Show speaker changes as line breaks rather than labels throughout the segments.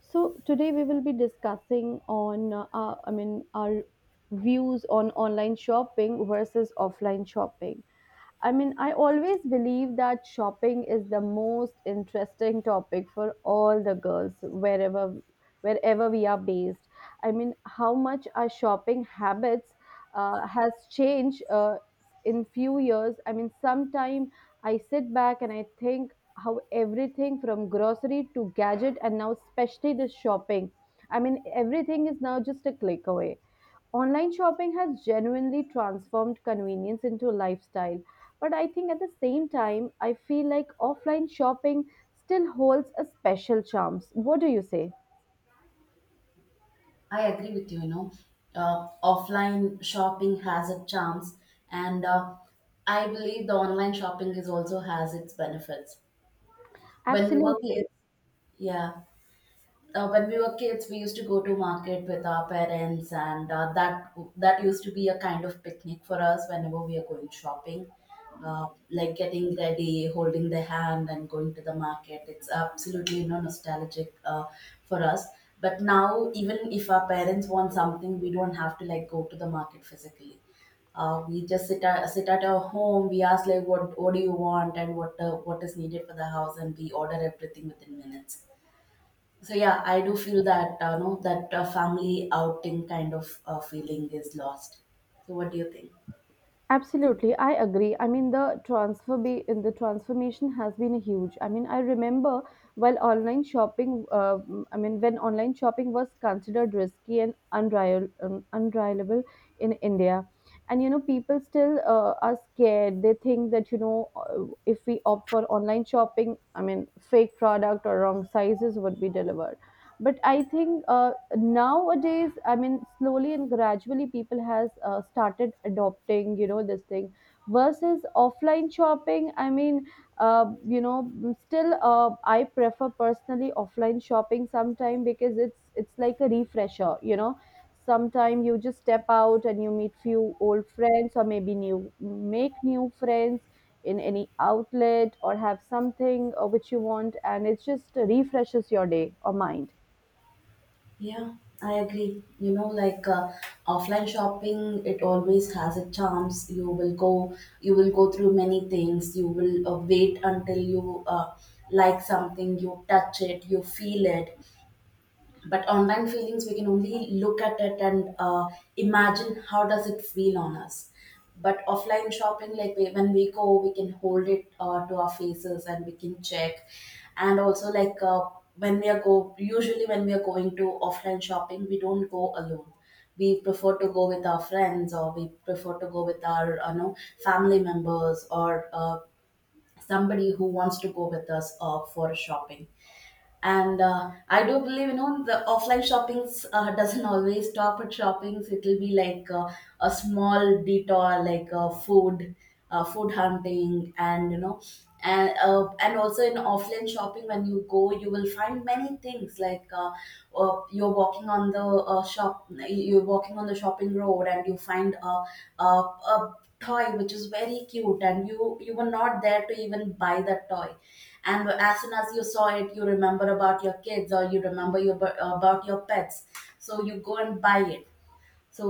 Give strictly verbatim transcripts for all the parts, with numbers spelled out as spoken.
So today we will be discussing on uh, our- I mean our views on online shopping versus offline shopping. I mean I always believe that shopping is the most interesting topic for all the girls wherever wherever we are based. I mean how much our shopping habits uh, has changed uh, in few years. I mean sometime I sit back and I think how everything from grocery to gadget and now especially the shopping. I mean, everything is now just a click away. Online shopping has genuinely transformed convenience into a lifestyle. But I think at the same time, I feel like offline shopping still holds a special charm. What do you say?
I agree with you, you know, uh, offline shopping has its charms, and uh, I believe the online shopping is also has its benefits. When we were
Absolutely.
kids, yeah, uh, when we were kids, we used to go to market with our parents, and uh, that that used to be a kind of picnic for us whenever we are going shopping. Uh, like getting ready, holding the hand, and going to the market. It's absolutely you know nostalgic uh, for us. But now, even if our parents want something, we don't have to like go to the market physically. Uh, we just sit at, sit at our home. We ask like, what what do you want, and what uh, what is needed for the house, and we order everything within minutes. So yeah, I do feel that uh, no that uh, family outing kind of uh, feeling is lost. So what do you think?
Absolutely, I agree. I mean, the transfer be in The transformation has been a huge. I mean, I remember while online shopping, uh, mm, I mean, when online shopping was considered risky and unreliable, um, unreliable in India, and you know, people still uh, are scared. They think that you know, uh, if we opt for online shopping, I mean, fake product or wrong sizes would be delivered. But I think uh, nowadays, I mean, slowly and gradually people has uh, started adopting, you know, this thing versus offline shopping. I mean, uh, you know still uh, I prefer personally offline shopping sometime because it's it's like a refresher, you know, sometime you just step out and you meet few old friends or maybe new make new friends in any outlet or have something uh, which you want and it just refreshes your day or mind.
Yeah, I agree, you know, like uh, offline shopping, it always has a charms. You will go you will go through many things. You will uh, wait until you uh, like something, you touch it, you feel it. But online feelings, we can only look at it and uh, imagine how does it feel on us. But offline shopping, like we, when we go we can hold it uh, to our faces and we can check. And also like uh, when we are go usually when we are going to offline shopping, we don't go alone. We prefer to go with our friends, or we prefer to go with our uh, you know family members, or uh, somebody who wants to go with us uh, for shopping. And uh, I do believe, you know, the offline shoppings uh, doesn't always stop at shoppings. It will be like uh, a small detour, like uh, food, uh, food hunting, and you know. And uh, and also in offline shopping, when you go you will find many things like uh, uh, you're walking on the uh, shop you're walking on the shopping road and you find a, a, a toy which is very cute, and you you were not there to even buy that toy. And as soon as you saw it, you remember about your kids, or you remember your, about your pets, so you go and buy it. So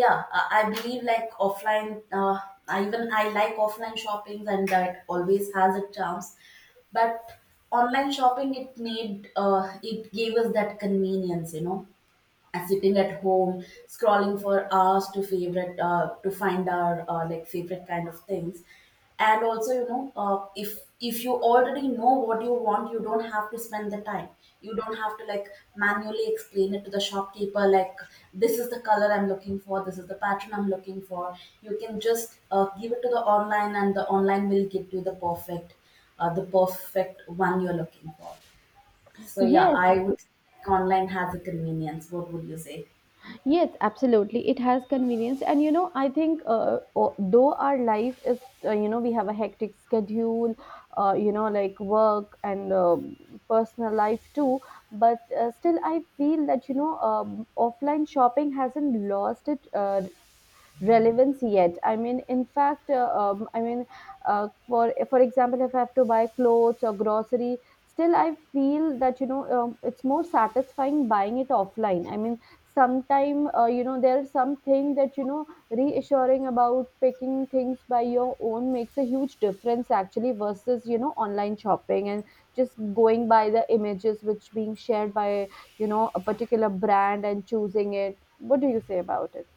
yeah, i I believe, like, offline, uh, I even i like offline shoppings, and that always has its charms. But online shopping, it made uh, it gave us that convenience, you know. And sitting at home, scrolling for hours to favorite uh, to find our uh, like favorite kind of things. And also, you know, uh, if if you already know what you want, you don't have to spend the time. You don't have to like manually explain it to the shopkeeper, like, this is the color I'm looking for, this is the pattern I'm looking for. You can just uh, give it to the online, and the online will give you the perfect, uh, the perfect one you're looking for. So yeah,
Yes.
I would think online has a convenience. What would you say?
Yes, absolutely. It has convenience. And, you know, I think uh, o- though our life is, uh, you know, we have a hectic schedule, uh, you know, like work and um personal life too. But uh, still, I feel that, you know, um, offline shopping hasn't lost its uh, relevance yet. I mean, in fact, uh, um, i mean uh, for for example, if I have to buy clothes or grocery, still I feel that, you know, um, it's more satisfying buying it offline. I mean, sometime, uh, you know, there's something that, you know, reassuring about picking things by your own makes a huge difference actually versus, you know, online shopping and just going by the images which being shared by, you know, a particular brand and choosing it. What do you say about it?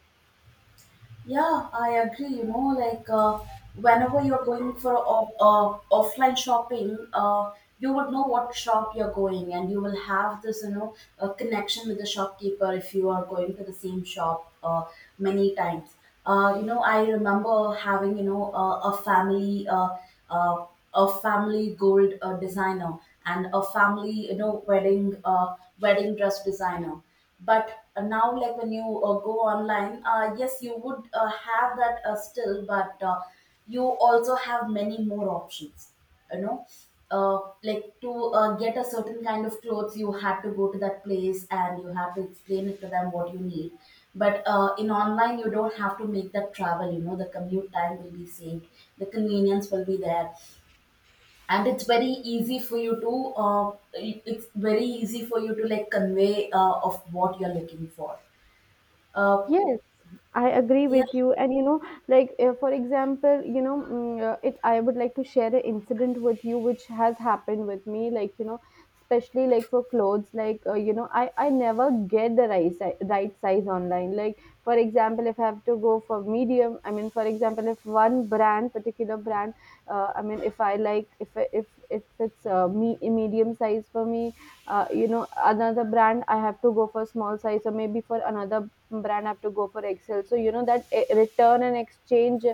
Yeah, I agree. You know, like uh, whenever you're going for off, uh, offline shopping, uh, you would know what shop you're going, and you will have this, you know, uh, connection with the shopkeeper if you are going to the same shop uh, many times. Uh, you know, I remember having, you know, uh, a family, uh, uh, a family gold uh, designer, and a family, you know, wedding, uh, wedding dress designer. But uh, now like when you uh, go online, uh, yes, you would uh, have that uh, still, but uh, you also have many more options, you know. Uh, like to uh, get a certain kind of clothes, you had to go to that place and you have to explain it to them what you need. But uh, in online you don't have to make that travel, you know, the commute time will be saved, the convenience will be there. And it's very easy for you to uh, it- it's very easy for you to like convey uh, of what you're looking for. uh,
Yes, I agree
yeah,
with you. And you know, like uh, for example, you know, mm, uh, it. I would like to share an incident with you, which has happened with me. Like you know, especially like for clothes, like uh, you know, I I never get the right size, right size online. Like for example, if I have to go for medium, I mean, for example, if one brand, particular brand, uh, I mean, if I like, if I- if if it's uh, me medium size for me, uh, you know, another brand I have to go for small size or maybe for another brand have to go for excel. So you know that eh, return and exchange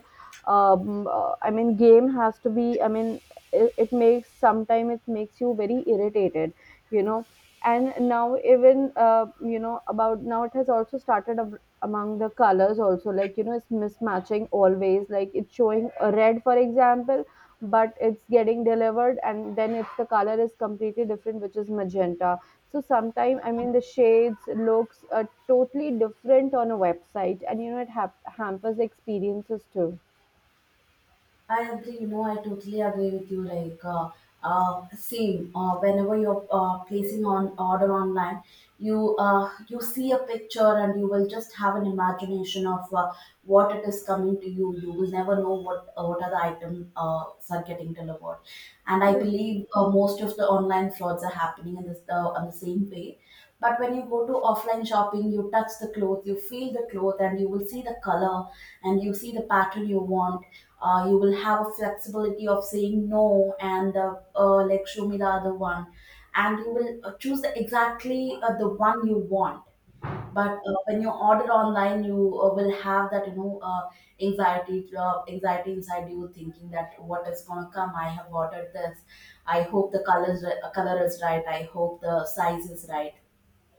um, uh, I mean game has to be. I mean, it, it makes sometime it makes you very irritated, you know. And now even, uh, you know about now, it has also started ab- among the colors also. Like you know, it's mismatching always. Like it's showing a red, for example, but it's getting delivered and then it's the color is completely different, which is magenta. So sometime I mean the shades looks uh, totally different on a website, and you know it hap hampers the experiences too.
I agree, you know, I totally agree with you, like uh, uh, same, uh, whenever you're uh, placing on order online, you uh, you see a picture and you will just have an imagination of uh, what it is coming to you. You will never know what uh, what other items uh, are getting delivered. And I believe, uh, most of the online frauds are happening in this uh, on the same way. But when you go to offline shopping, you touch the cloth, you feel the cloth, and you will see the color, and you see the pattern you want. Uh, you will have a flexibility of saying no, and uh, uh, like show me the other one. And you will uh, choose the, exactly uh, the one you want. But uh, when you order online, you uh, will have that, you know, uh, anxiety uh, anxiety inside you, thinking that what is going to come. I have ordered this. I hope the colors, uh, color is right. I hope the size is right.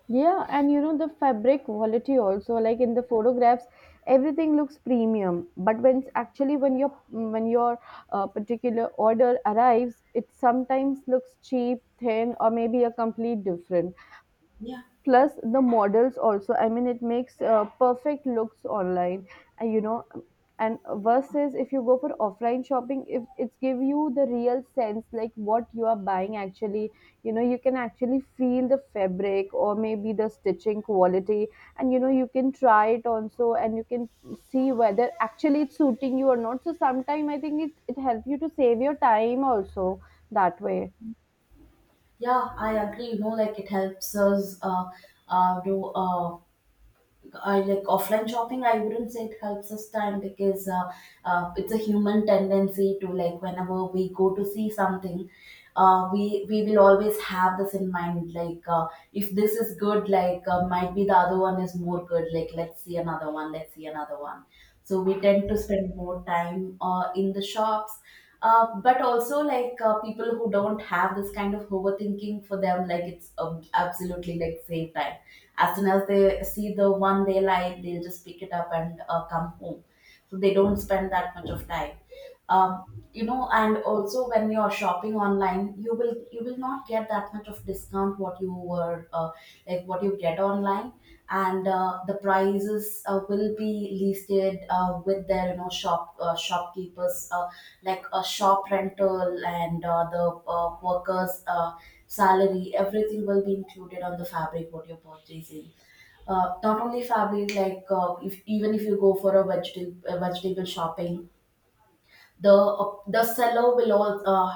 Yeah, and you know the fabric quality also, like in the photographs everything looks premium, but when it's actually, when your when your uh, particular order arrives, it sometimes looks cheap, thin, or maybe a complete different.
Yeah.
Plus the models also, I mean, it makes uh, perfect looks online, uh, you know and versus if you go for offline shopping, if it's give you the real sense, like what you are buying actually, you know. You can actually feel the fabric or maybe the stitching quality, and you know, you can try it also, and you can see whether actually it's suiting you or not. So sometime I think it, it helps you to save your time also that way.
Yeah, I agree, you know, like it helps us uh, uh, do uh, I like offline shopping. I wouldn't say it helps us time, because uh, uh, it's a human tendency to like whenever we go to see something, uh, we we will always have this in mind. Like, uh, if this is good, like, uh, might be the other one is more good. Like let's see another one. Let's see another one. So we tend to spend more time uh, in the shops. Uh, but also like uh, people who don't have this kind of overthinking, for them, like, it's um, absolutely like same time. As soon as they see the one they like, they'll just pick it up and uh, come home. So they don't spend that much of time. Um, you know, and also when you're shopping online, you will you will not get that much of discount what you were uh, like what you get online. And uh, the prices uh, will be listed uh, with their, you know, shop uh, shopkeepers uh, like a shop rental, and uh, the uh, workers uh, salary, everything will be included on the fabric what you're purchasing. Uh, not only fabric, like uh, if even if you go for a vegetable, uh, vegetable shopping, the the seller will all uh,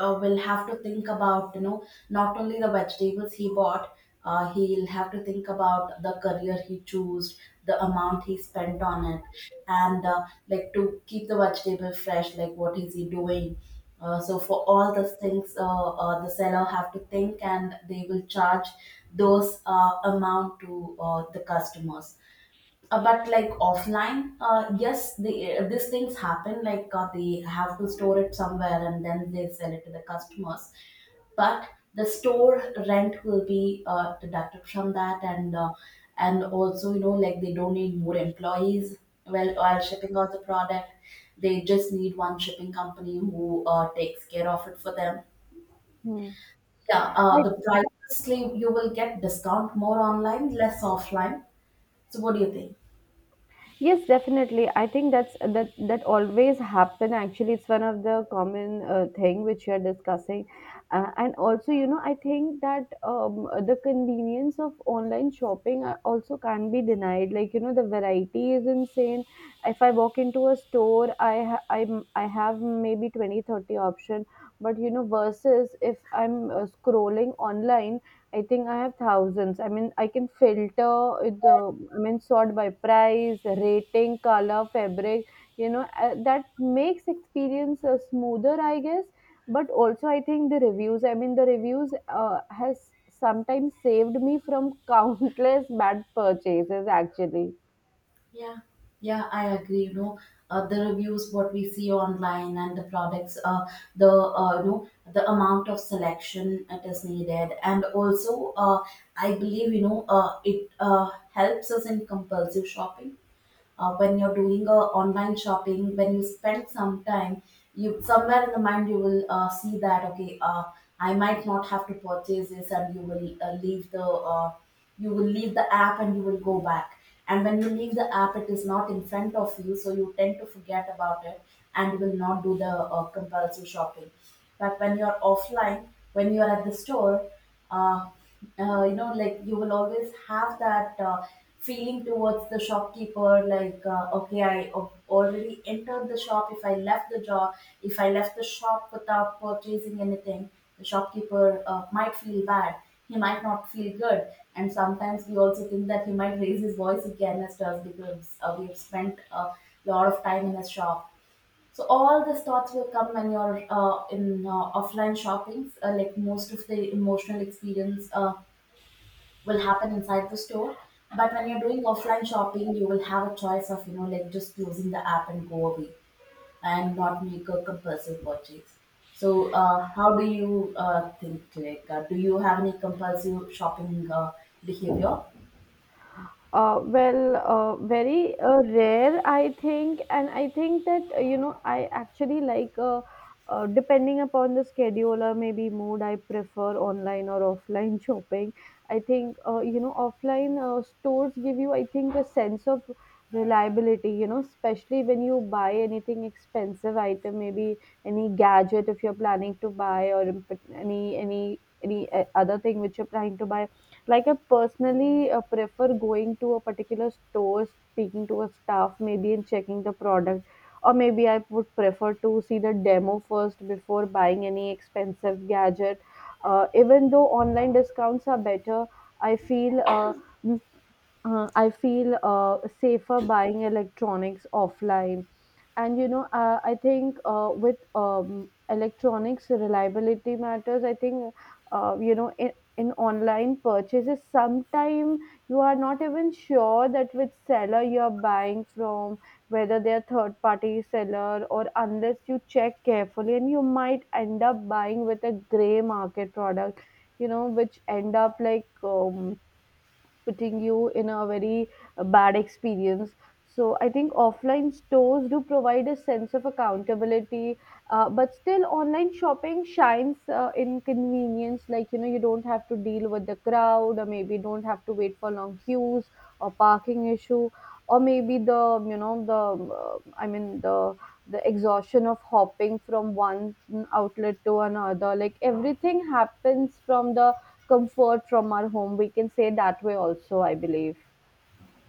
uh, will have to think about, you know, not only the vegetables he bought, uh, he'll have to think about the career he chose, the amount he spent on it, and uh, like to keep the vegetable fresh, like what is he doing. Uh, so for all those things, uh, uh, the seller have to think, and they will charge those uh, amount to uh, the customers. Uh, but like offline, uh, yes, the uh, these things happen, like uh, they have to store it somewhere and then they sell it to the customers. But the store rent will be uh, deducted from that. And uh, and also, you know, like they don't need more employees, well, while shipping out the product. They just need one shipping company who uh, takes care of it for them.
Hmm.
Yeah, uh,
I,
the prices claim, you will get discount more online, less offline. So what do you think?
Yes, definitely. I think that's that that always happen. Actually, it's one of the common uh, thing which you are discussing, uh, and also you know I think that um, the convenience of online shopping uh, also can't be denied. Like you know, the variety is insane. If I walk into a store, I ha- I I have maybe twenty thirty option. But you know, versus if I'm uh, scrolling online, I think I have thousands. I mean, I can filter it, the, I mean, sort by price, rating, color, fabric, you know. Uh, that makes experience uh, smoother, I guess. But also, I think the reviews, I mean, the reviews uh, has sometimes saved me from countless bad purchases, actually.
Yeah, yeah, I agree. You know, uh, the reviews what we see online, and the products, uh, the uh, you know, the amount of selection it is needed, and also, uh, I believe, you know, uh, it uh, helps us in compulsive shopping. Uh, when you're doing a online shopping, when you spend some time, you somewhere in the mind you will uh, see that okay, uh, I might not have to purchase this. And you will uh, leave the, uh, you will leave the app and you will go back. And when you leave the app, it is not in front of you, so you tend to forget about it, and will not do the uh, compulsive shopping. But when you're offline, when you're at the store, uh, uh, you know, like, you will always have that uh, feeling towards the shopkeeper, like, uh, okay, I al- already entered the shop. If I left the job, if I left the shop without purchasing anything, the shopkeeper uh, might feel bad. He might not feel good. And sometimes we also think that he might raise his voice again as to us, because uh, we have spent a lot of time in a shop. So all these thoughts will come when you're uh, in uh, offline shopping. Uh, like most of the emotional experience uh, will happen inside the store. But when you're doing offline shopping, you will have a choice of you know like just closing the app and go away and not make a compulsive purchase. So uh, how do you uh, think? Like, uh, do you have any compulsive shopping uh, behavior?
Uh, well, uh, very uh, rare, I think, and I think that uh, you know, I actually like uh, uh, depending upon the schedule or maybe mood, I prefer online or offline shopping. I think uh, you know, offline uh, stores give you, I think, a sense of reliability. You know, especially when you buy anything expensive item, maybe any gadget if you're planning to buy, or imp- any any any uh, other thing which you're planning to buy, like I personally uh, prefer going to a particular store, speaking to a staff, maybe, and checking the product, or maybe I would prefer to see the demo first before buying any expensive gadget. Uh, even though online discounts are better, I feel. Uh, uh, I feel uh, safer buying electronics offline. And you know, uh, I think uh, with um, electronics reliability matters. I think uh, you know, in, in online purchases, sometime you are not even sure that which seller you are buying from, whether they are third party seller, or unless you check carefully, and you might end up buying with a gray market product. You know, which end up like um, putting you in a very uh, bad experience. So I think offline stores do provide a sense of accountability, uh, but still online shopping shines uh, in convenience. Like you know, you don't have to deal with the crowd, or maybe don't have to wait for long queues or parking issue, or maybe the, you know the um, uh, I mean the the exhaustion of hopping from one outlet to another. Like everything happens from the comfort from our home, we can say that way also, I believe.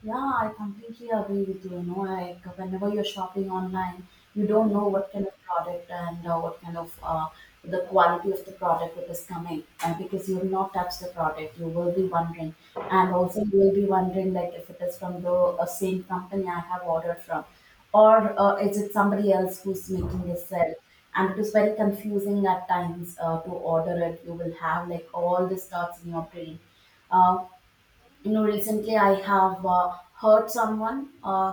Yeah, I completely agree with you. You know, like whenever you're shopping online, you don't know
Mhm.
what kind of product and uh, what kind of uh, the quality of the product it is coming uh, because you will not touch the product. You will be wondering, and also you will be wondering like if it is from the uh, same company I have ordered from, or uh, is it somebody else who's making this sale? And it is very confusing at times uh, to order it. You will have like all these thoughts in your brain. Uh, you know, recently I have uh, heard someone uh,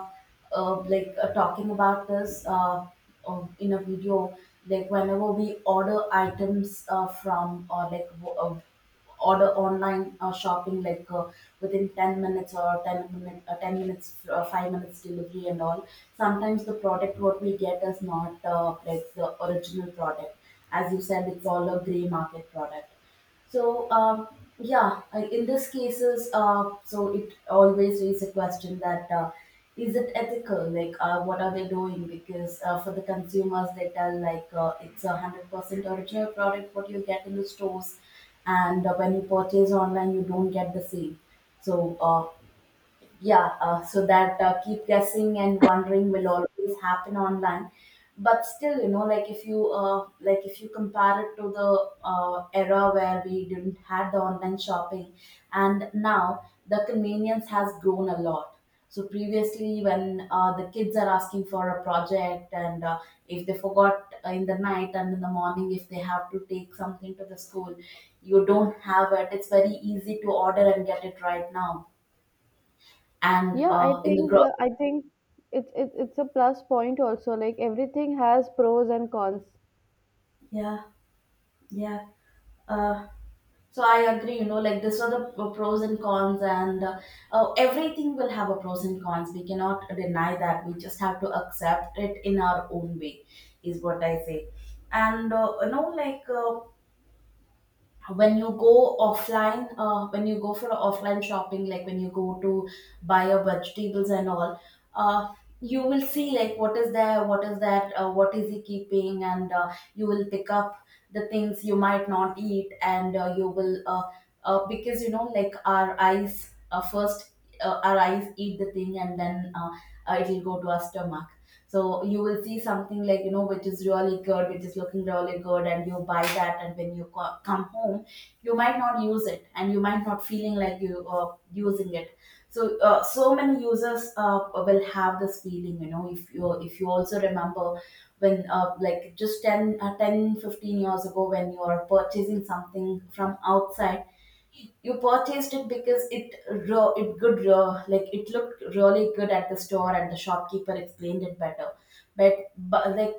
uh, like uh, talking about this uh, uh, in a video, like whenever we order items uh, from or like w- uh, order online uh, shopping like uh, within ten minutes or ten minute, uh, ten minutes uh, five minutes delivery and all, sometimes the product what we get is not uh, like the original product. As you said, it's all a gray market product. So, um, yeah, I- in these cases, uh, so it always raises a question that uh, is it ethical? Like, uh, what are they doing? Because uh, for the consumers, they tell like uh, it's a hundred percent original product what you get in the stores, and uh, when you purchase online, you don't get the same. So, uh, yeah, uh, so that uh, keep guessing and wondering will always happen online. But still, you know, like if you uh, like if you compare it to the uh, era where we didn't had the online shopping, and now the convenience has grown a lot. So previously, when uh, the kids are asking for a project, and uh, if they forgot uh, in the night, and in the morning if they have to take something to the school, you don't have it. It's very easy to order and get it right now. And
Yeah, I
uh, in the
think,
growth.
uh, I think it's it, it's it's a plus point also, like everything has pros and cons.
Yeah, yeah. Uh, so I agree, you know, like this are the p- pros and cons, and uh, uh, everything will have a pros and cons. We cannot deny that. We just have to accept it in our own way, is what I say. And, uh, you know, like, uh, when you go offline, uh, when you go for offline shopping, like when you go to buy your vegetables and all, uh, you will see like what is there, what is that, uh, what is he keeping, and uh, you will pick up the things you might not eat, and uh, you will uh, uh, because you know, like, our eyes uh, first, uh, our eyes eat the thing, and then uh, uh, it will go to our stomach. So you will see something, like, you know, which is really good, which is looking really good, and you buy that. And when you co- come home, you might not use it, and you might not feeling like you uh, using it. So, uh, so many users uh, will have this feeling, you know, if you, if you also remember when uh, like just ten, uh, ten, fifteen years ago, when you are purchasing something from outside, you purchased it because it ro- it good ro- like it looked really good at the store, and the shopkeeper explained it better. But, but like,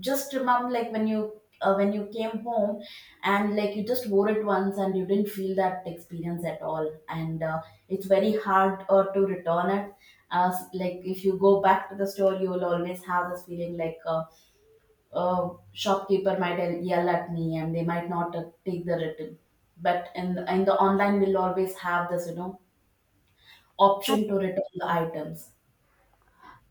just remember, like when you uh, when you came home, and like you just wore it once, and you didn't feel that experience at all, and uh, it's very hard uh, to return it. As, like, if you go back to the store, you will always have this feeling, like, uh, uh, shopkeeper might yell yell at me, and they might not uh, take the return. But in the, in the online, we'll always have this you know option to return the items.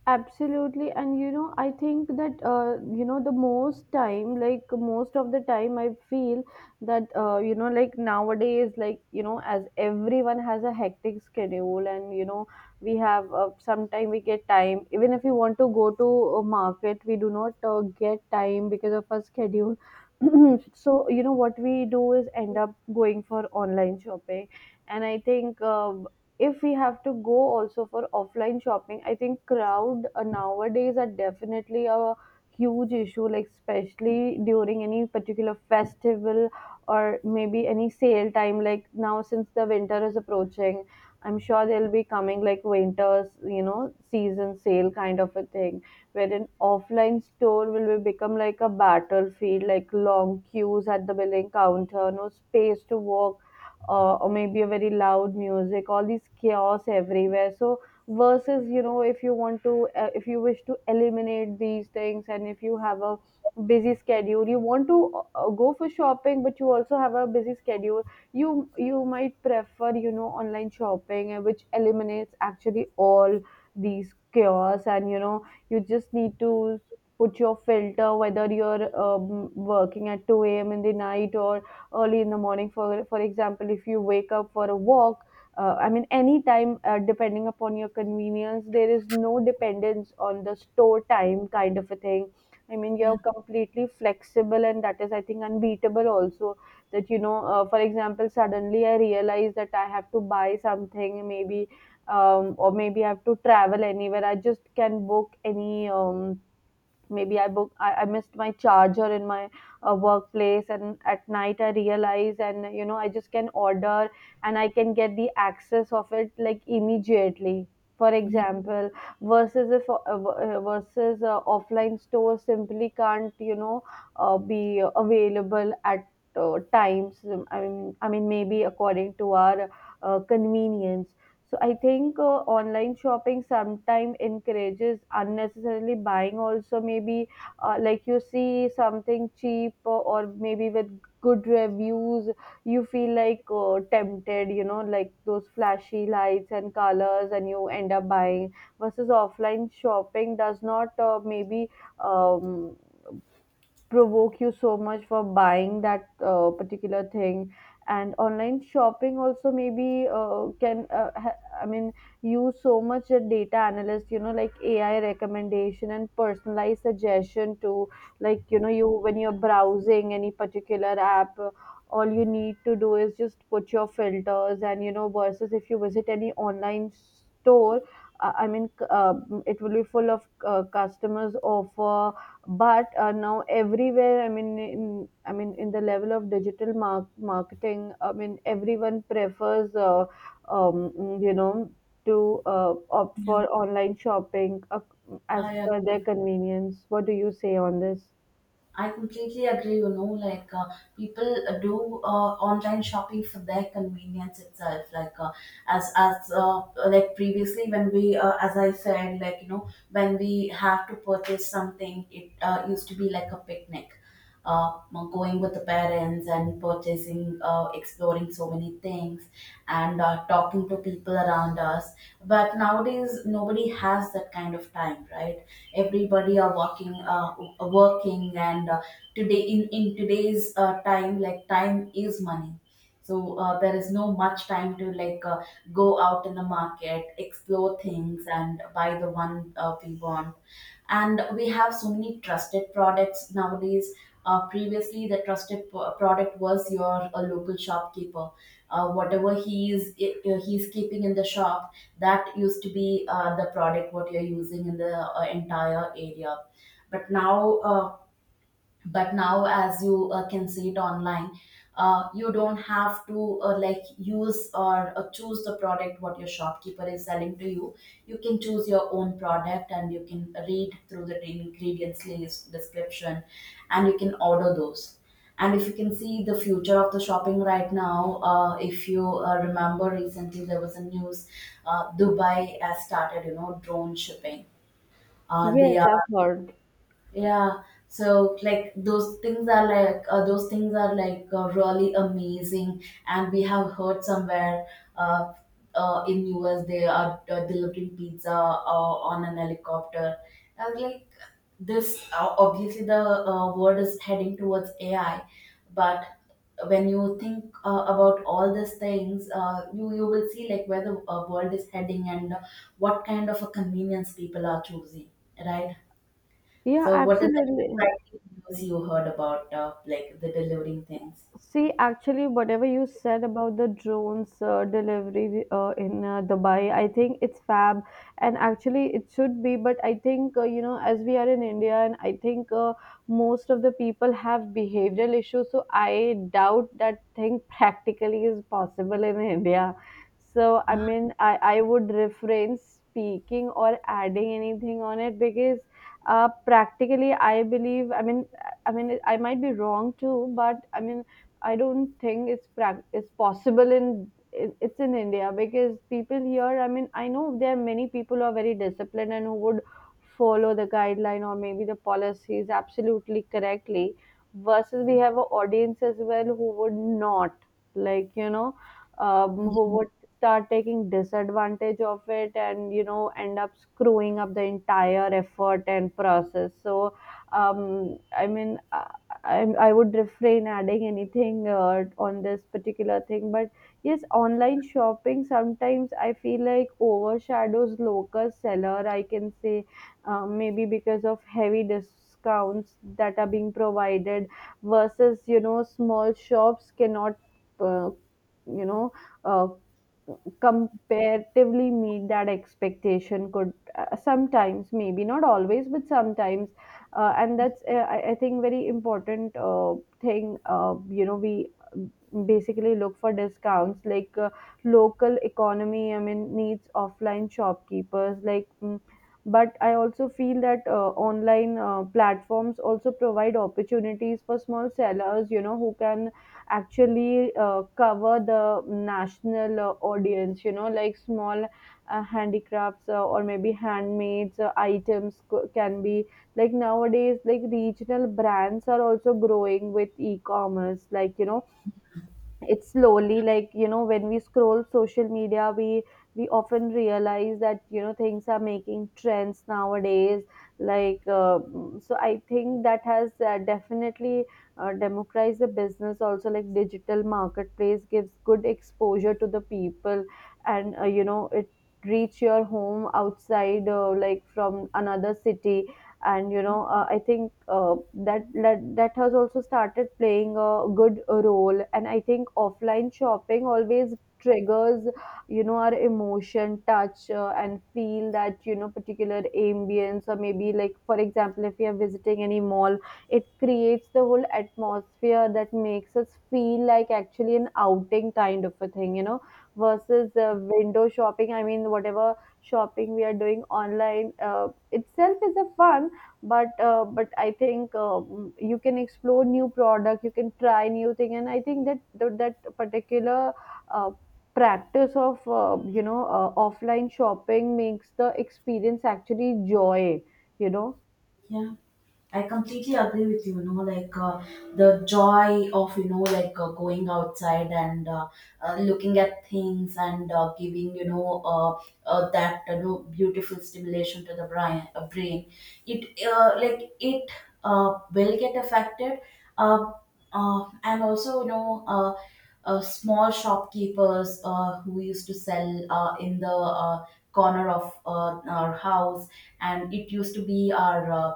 Absolutely, and you know, I think that, uh, you know, the most time, like most of the time, I feel that, uh, you know, like nowadays, like you know, as everyone has a hectic schedule, and you know, we have uh, sometime we get time. Even if we want to go to a market, we do not uh, get time because of our schedule. So you know, what we do is end up going for online shopping, and I think, uh, if we have to go also for offline shopping, I think crowd uh, nowadays are definitely a huge issue, like especially during any particular festival or maybe any sale time. Like now, since the winter is approaching, I'm sure they'll be coming like winters, you know, season sale kind of a thing, wherein offline store will be become like a battlefield, like long queues at the billing counter, no space to walk uh, or maybe a very loud music, all these chaos everywhere. So versus you know, if you want to uh, if you wish to eliminate these things, and if you have a busy schedule, you want to uh, uh, go for shopping, but you also have a busy schedule, you you might prefer, you know, online shopping, uh, which eliminates actually all these chaos. And you know, you just need to put your filter, whether you're um, working at two a.m. in the night or early in the morning. For for example, if you wake up for a walk, uh, I mean any time, uh, depending upon your convenience, there is no dependence on the store time kind of a thing. I mean,
Yeah,
you're completely flexible, and that is, I think, unbeatable also. That, you know, uh, for example, suddenly I realize that I have to buy something. Maybe um, or maybe I have to travel anywhere, I just can book any um, maybe I book, I, I missed my charger in my uh, workplace, and at night I realize, and you know, I just can order and I can get the access of it like immediately, for example. Versus if uh, uh, versus uh, offline store simply can't, you know, uh, be available at uh, times, i mean i mean maybe according to our uh, convenience. So I think uh, online shopping sometimes encourages unnecessarily buying. Also, maybe uh, like you see something cheap uh, or maybe with good reviews, you feel like uh, tempted. You know, like those flashy lights and colors, and you end up buying. Versus offline shopping does not, uh, maybe. Um, provoke you so much for buying that uh, particular thing. And online shopping also maybe uh, can uh, ha- I mean use so much a data analyst, you know, like AI recommendation and personalized suggestion to, like, you know, you when you're browsing any particular app, uh, all you need to do is just put your filters. And you know, versus if you visit any online store, uh, I mean c- uh, it will be full of uh, customers offer. But uh, now everywhere, I mean in, I mean in the level of digital mar- marketing, I mean everyone prefers uh, um, you know, to uh, opt
yeah.
for online shopping uh, as
I
per their
agree.
convenience. What do you say on this?
I completely agree. You know, like, uh, people uh, do uh, online shopping for their convenience itself. Like, uh, as as uh, like previously when we uh, as I said, like, you know, when we have to purchase something, it uh, used to be like a picnic. uh, Going with the parents and purchasing, uh, exploring so many things, and uh, talking to people around us. But nowadays, nobody has that kind of time, right? Everybody are working, uh, working, and uh, today, in in today's uh, time, like, time is money. So uh, there is no much time to like uh, go out in the market, explore things, and buy the one uh, we want. And we have so many trusted products nowadays. Uh, previously the trusted p- product was your uh, local shopkeeper. Uh, whatever he is i- uh, he's keeping in the shop, that used to be uh, the product what you're using in the uh, entire area. But now, uh, but now as you uh, can see it online, uh, you don't have to uh, like use or uh, choose the product what your shopkeeper is selling to you. You can choose your own product, and you can read through the ingredients list description, and you can order those. And if you can see the future of the shopping right now, uh, if you uh, remember, recently there was a news. Uh, dubai has started, you know, drone shipping. Uh, they
Yes,
are.
I've heard.
Yeah, so like those things are like uh, those things are like uh, really amazing. And we have heard somewhere, uh, uh, in U S they are uh, delivering pizza uh, on an helicopter. I was like, this uh, obviously the uh, world is heading towards A I. But when you think uh, about all these things, uh, you you will see like where the uh, world is heading and uh, what kind of a convenience people are choosing, right?
Yeah,
So, what is the
absolutely.
exciting news you heard about, uh, like the delivering things?
See, actually, whatever you said about the drones uh, delivery uh, in uh, Dubai, I think it's fab, and actually, it should be. But I think uh, you know, as we are in India, and I think uh, most of the people have behavioral issues, so I doubt that thing practically is possible in India. So I mean, I I would refrain speaking or adding anything on it, because uh, practically, I believe. I mean, I mean, I might be wrong too, but I mean I don't think it's prac- it's possible in it- it's in India, because people here. I mean, I know there are many people who are very disciplined and who would follow the guideline or maybe the policies absolutely correctly. Versus, we have an audience as well who would not, like you know, um, who would start taking disadvantage of it, and you know, end up screwing up the entire effort and process. So um, I mean, uh, i I would refrain adding anything uh, on this particular thing. But yes, online shopping sometimes I feel like overshadows local seller, I can say. Uh, maybe because of heavy discounts that are being provided, versus you know small shops cannot uh, you know uh, comparatively meet that expectation, could uh, sometimes, maybe not always but sometimes. Uh, and that's uh, I, I think very important uh, thing, uh, you know, we basically look for discounts. Like uh, local economy, I mean, needs offline shopkeepers, like mm, but I also feel that uh, online uh, platforms also provide opportunities for small sellers, you know, who can actually uh, cover the national uh, audience, you know, like small uh, handicrafts uh, or maybe handmade uh, items co- can be. Like nowadays, like regional brands are also growing with e-commerce, like you know, it's slowly, like you know, when we scroll social media, we we often realize that, you know, things are making trends nowadays. Like uh, mm, so I think that has uh, definitely uh, democratized the business also. Like digital marketplace gives good exposure to the people, and uh, you know, it reach your home outside uh, like from another city. And you know, uh, I think uh, that, that that has also started playing a good role. And I think offline shopping always triggers, you know, our emotion touch uh, and feel, that you know particular ambience, or maybe like for example, if we are visiting any mall, it creates the whole atmosphere that makes us feel like actually an outing kind of a thing, you know. Versus uh, window shopping, I mean whatever shopping we are doing online, uh, itself is a fun. But uh, but I think um, you can explore new product, you can try new thing. And I think that that, that particular uh, practice of uh, you know, uh, offline shopping makes the experience actually joy, you know.
Yeah. I completely agree with you. You know, like, uh, the joy of, you know, like, uh, going outside, and uh, uh, looking at things, and uh, giving, you know, uh, uh, that, you know, beautiful stimulation to the brain. Uh, brain. It uh, like, it uh, will get affected. Uh, uh, and also, you know. Uh, uh, small shopkeepers uh, who used to sell uh, in the uh, corner of uh, our house, and it used to be our uh,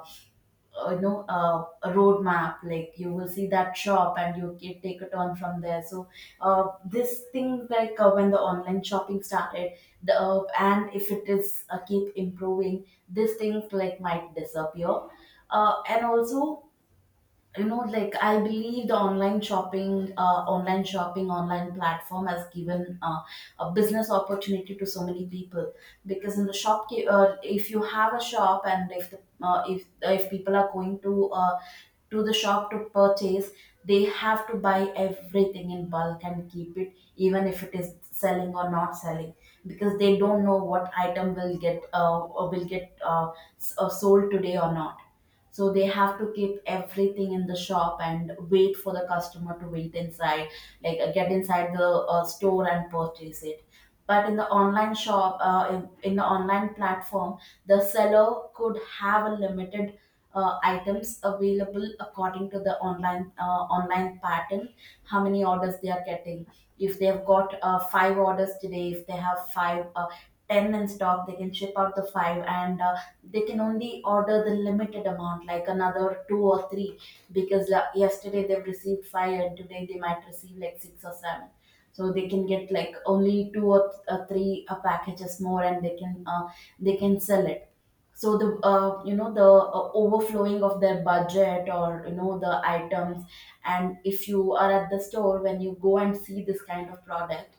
uh, you know, uh, a roadmap, like you will see that shop and you can take a turn from there. So uh, this thing, like uh, when the online shopping started, the, uh, and if it is uh, keep improving, these things like might disappear. Uh, and also, you know, like, I believe the online shopping, uh, online shopping online platform has given uh, a business opportunity to so many people. Because in the shop, uh, if you have a shop, and if the, uh, if if people are going to uh, to the shop to purchase, they have to buy everything in bulk and keep it, even if it is selling or not selling, because they don't know what item will get, uh, will get uh, s- uh, sold today or not. So they have to keep everything in the shop and wait for the customer to wait inside, like, uh, get inside the uh, store and purchase it. But in the online shop uh, in, in the online platform, the seller could have a limited uh, items available according to the online uh, online pattern, how many orders they are getting. If they have got uh, five orders today, if they have five uh, ten in stock, they can ship out the five, and uh, they can only order the limited amount, like another two or three, because uh, yesterday they've received five, and today they might receive like six or seven. So they can get like only two or th- uh, three uh, packages more, and they can uh, they can sell it. So the, uh, you know, the uh, overflowing of their budget, or, you know, the items. And if you are at the store, when you go and see this kind of product,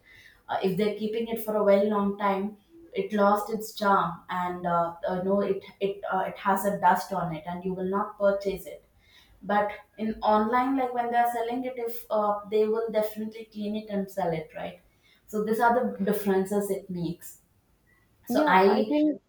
uh, if they're keeping it for a very long time, it lost its charm, and uh, uh, no, it it uh, it has a dust on it, and you will not purchase it. But in online, like, when they're selling it, if uh, they will definitely clean it and sell it, right? So these are the differences it makes. So
Yeah, I
I
think.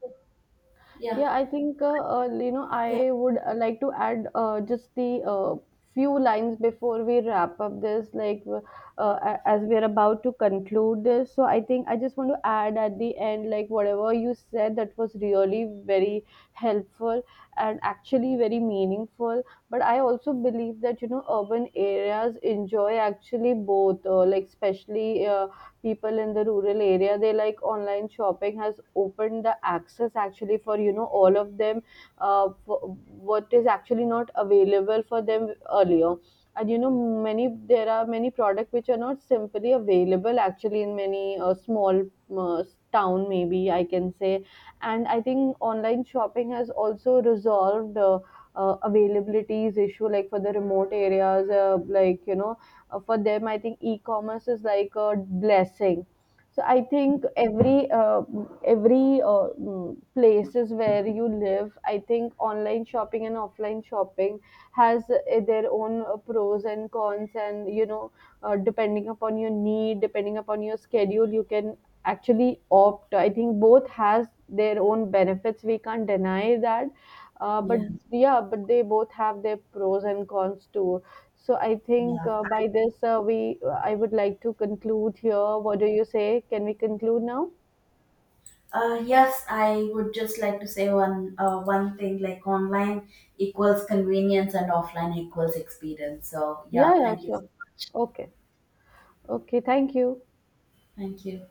Yeah.
Yeah, I think uh, uh, you know,
Yeah.
I would uh, like to add uh, just the uh, few lines before we wrap up this, like uh, a- as we are about to conclude this. So I think I just want to add at the end, like whatever you said, that was really very helpful and actually very meaningful. But I also believe that, you know, urban areas enjoy actually both, uh, like especially. Uh, people in the rural area, they like online shopping has opened the access actually for, you know, all of them, uh, for- what is actually not available for them earlier. And you know, many there are many products which are not simply available actually in many uh, small uh, town, maybe I can say. And I think online shopping has also resolved uh, uh, availabilities issue, like for the remote areas, uh, like you know, uh, for them, I think e-commerce is like a blessing. So I think every uh, every uh, mm, places where you live, I think online shopping and offline shopping has uh, their own uh, pros and cons. And you know, uh, depending upon your need, depending upon your schedule, you can actually opt, I think both has their own benefits, we can't deny that. Uh, but
Yeah,
Yeah, but they both have their pros and cons too. So I think
yeah.
uh, by this uh, we uh, I would like to conclude here. What do you say? Can we conclude now?
Uh, yes, I would just like to say one uh, one thing, like, online equals convenience and offline equals experience. So yeah,
Yeah, yeah,
thank you.
sure. Okay. Okay, thank you.
Thank you.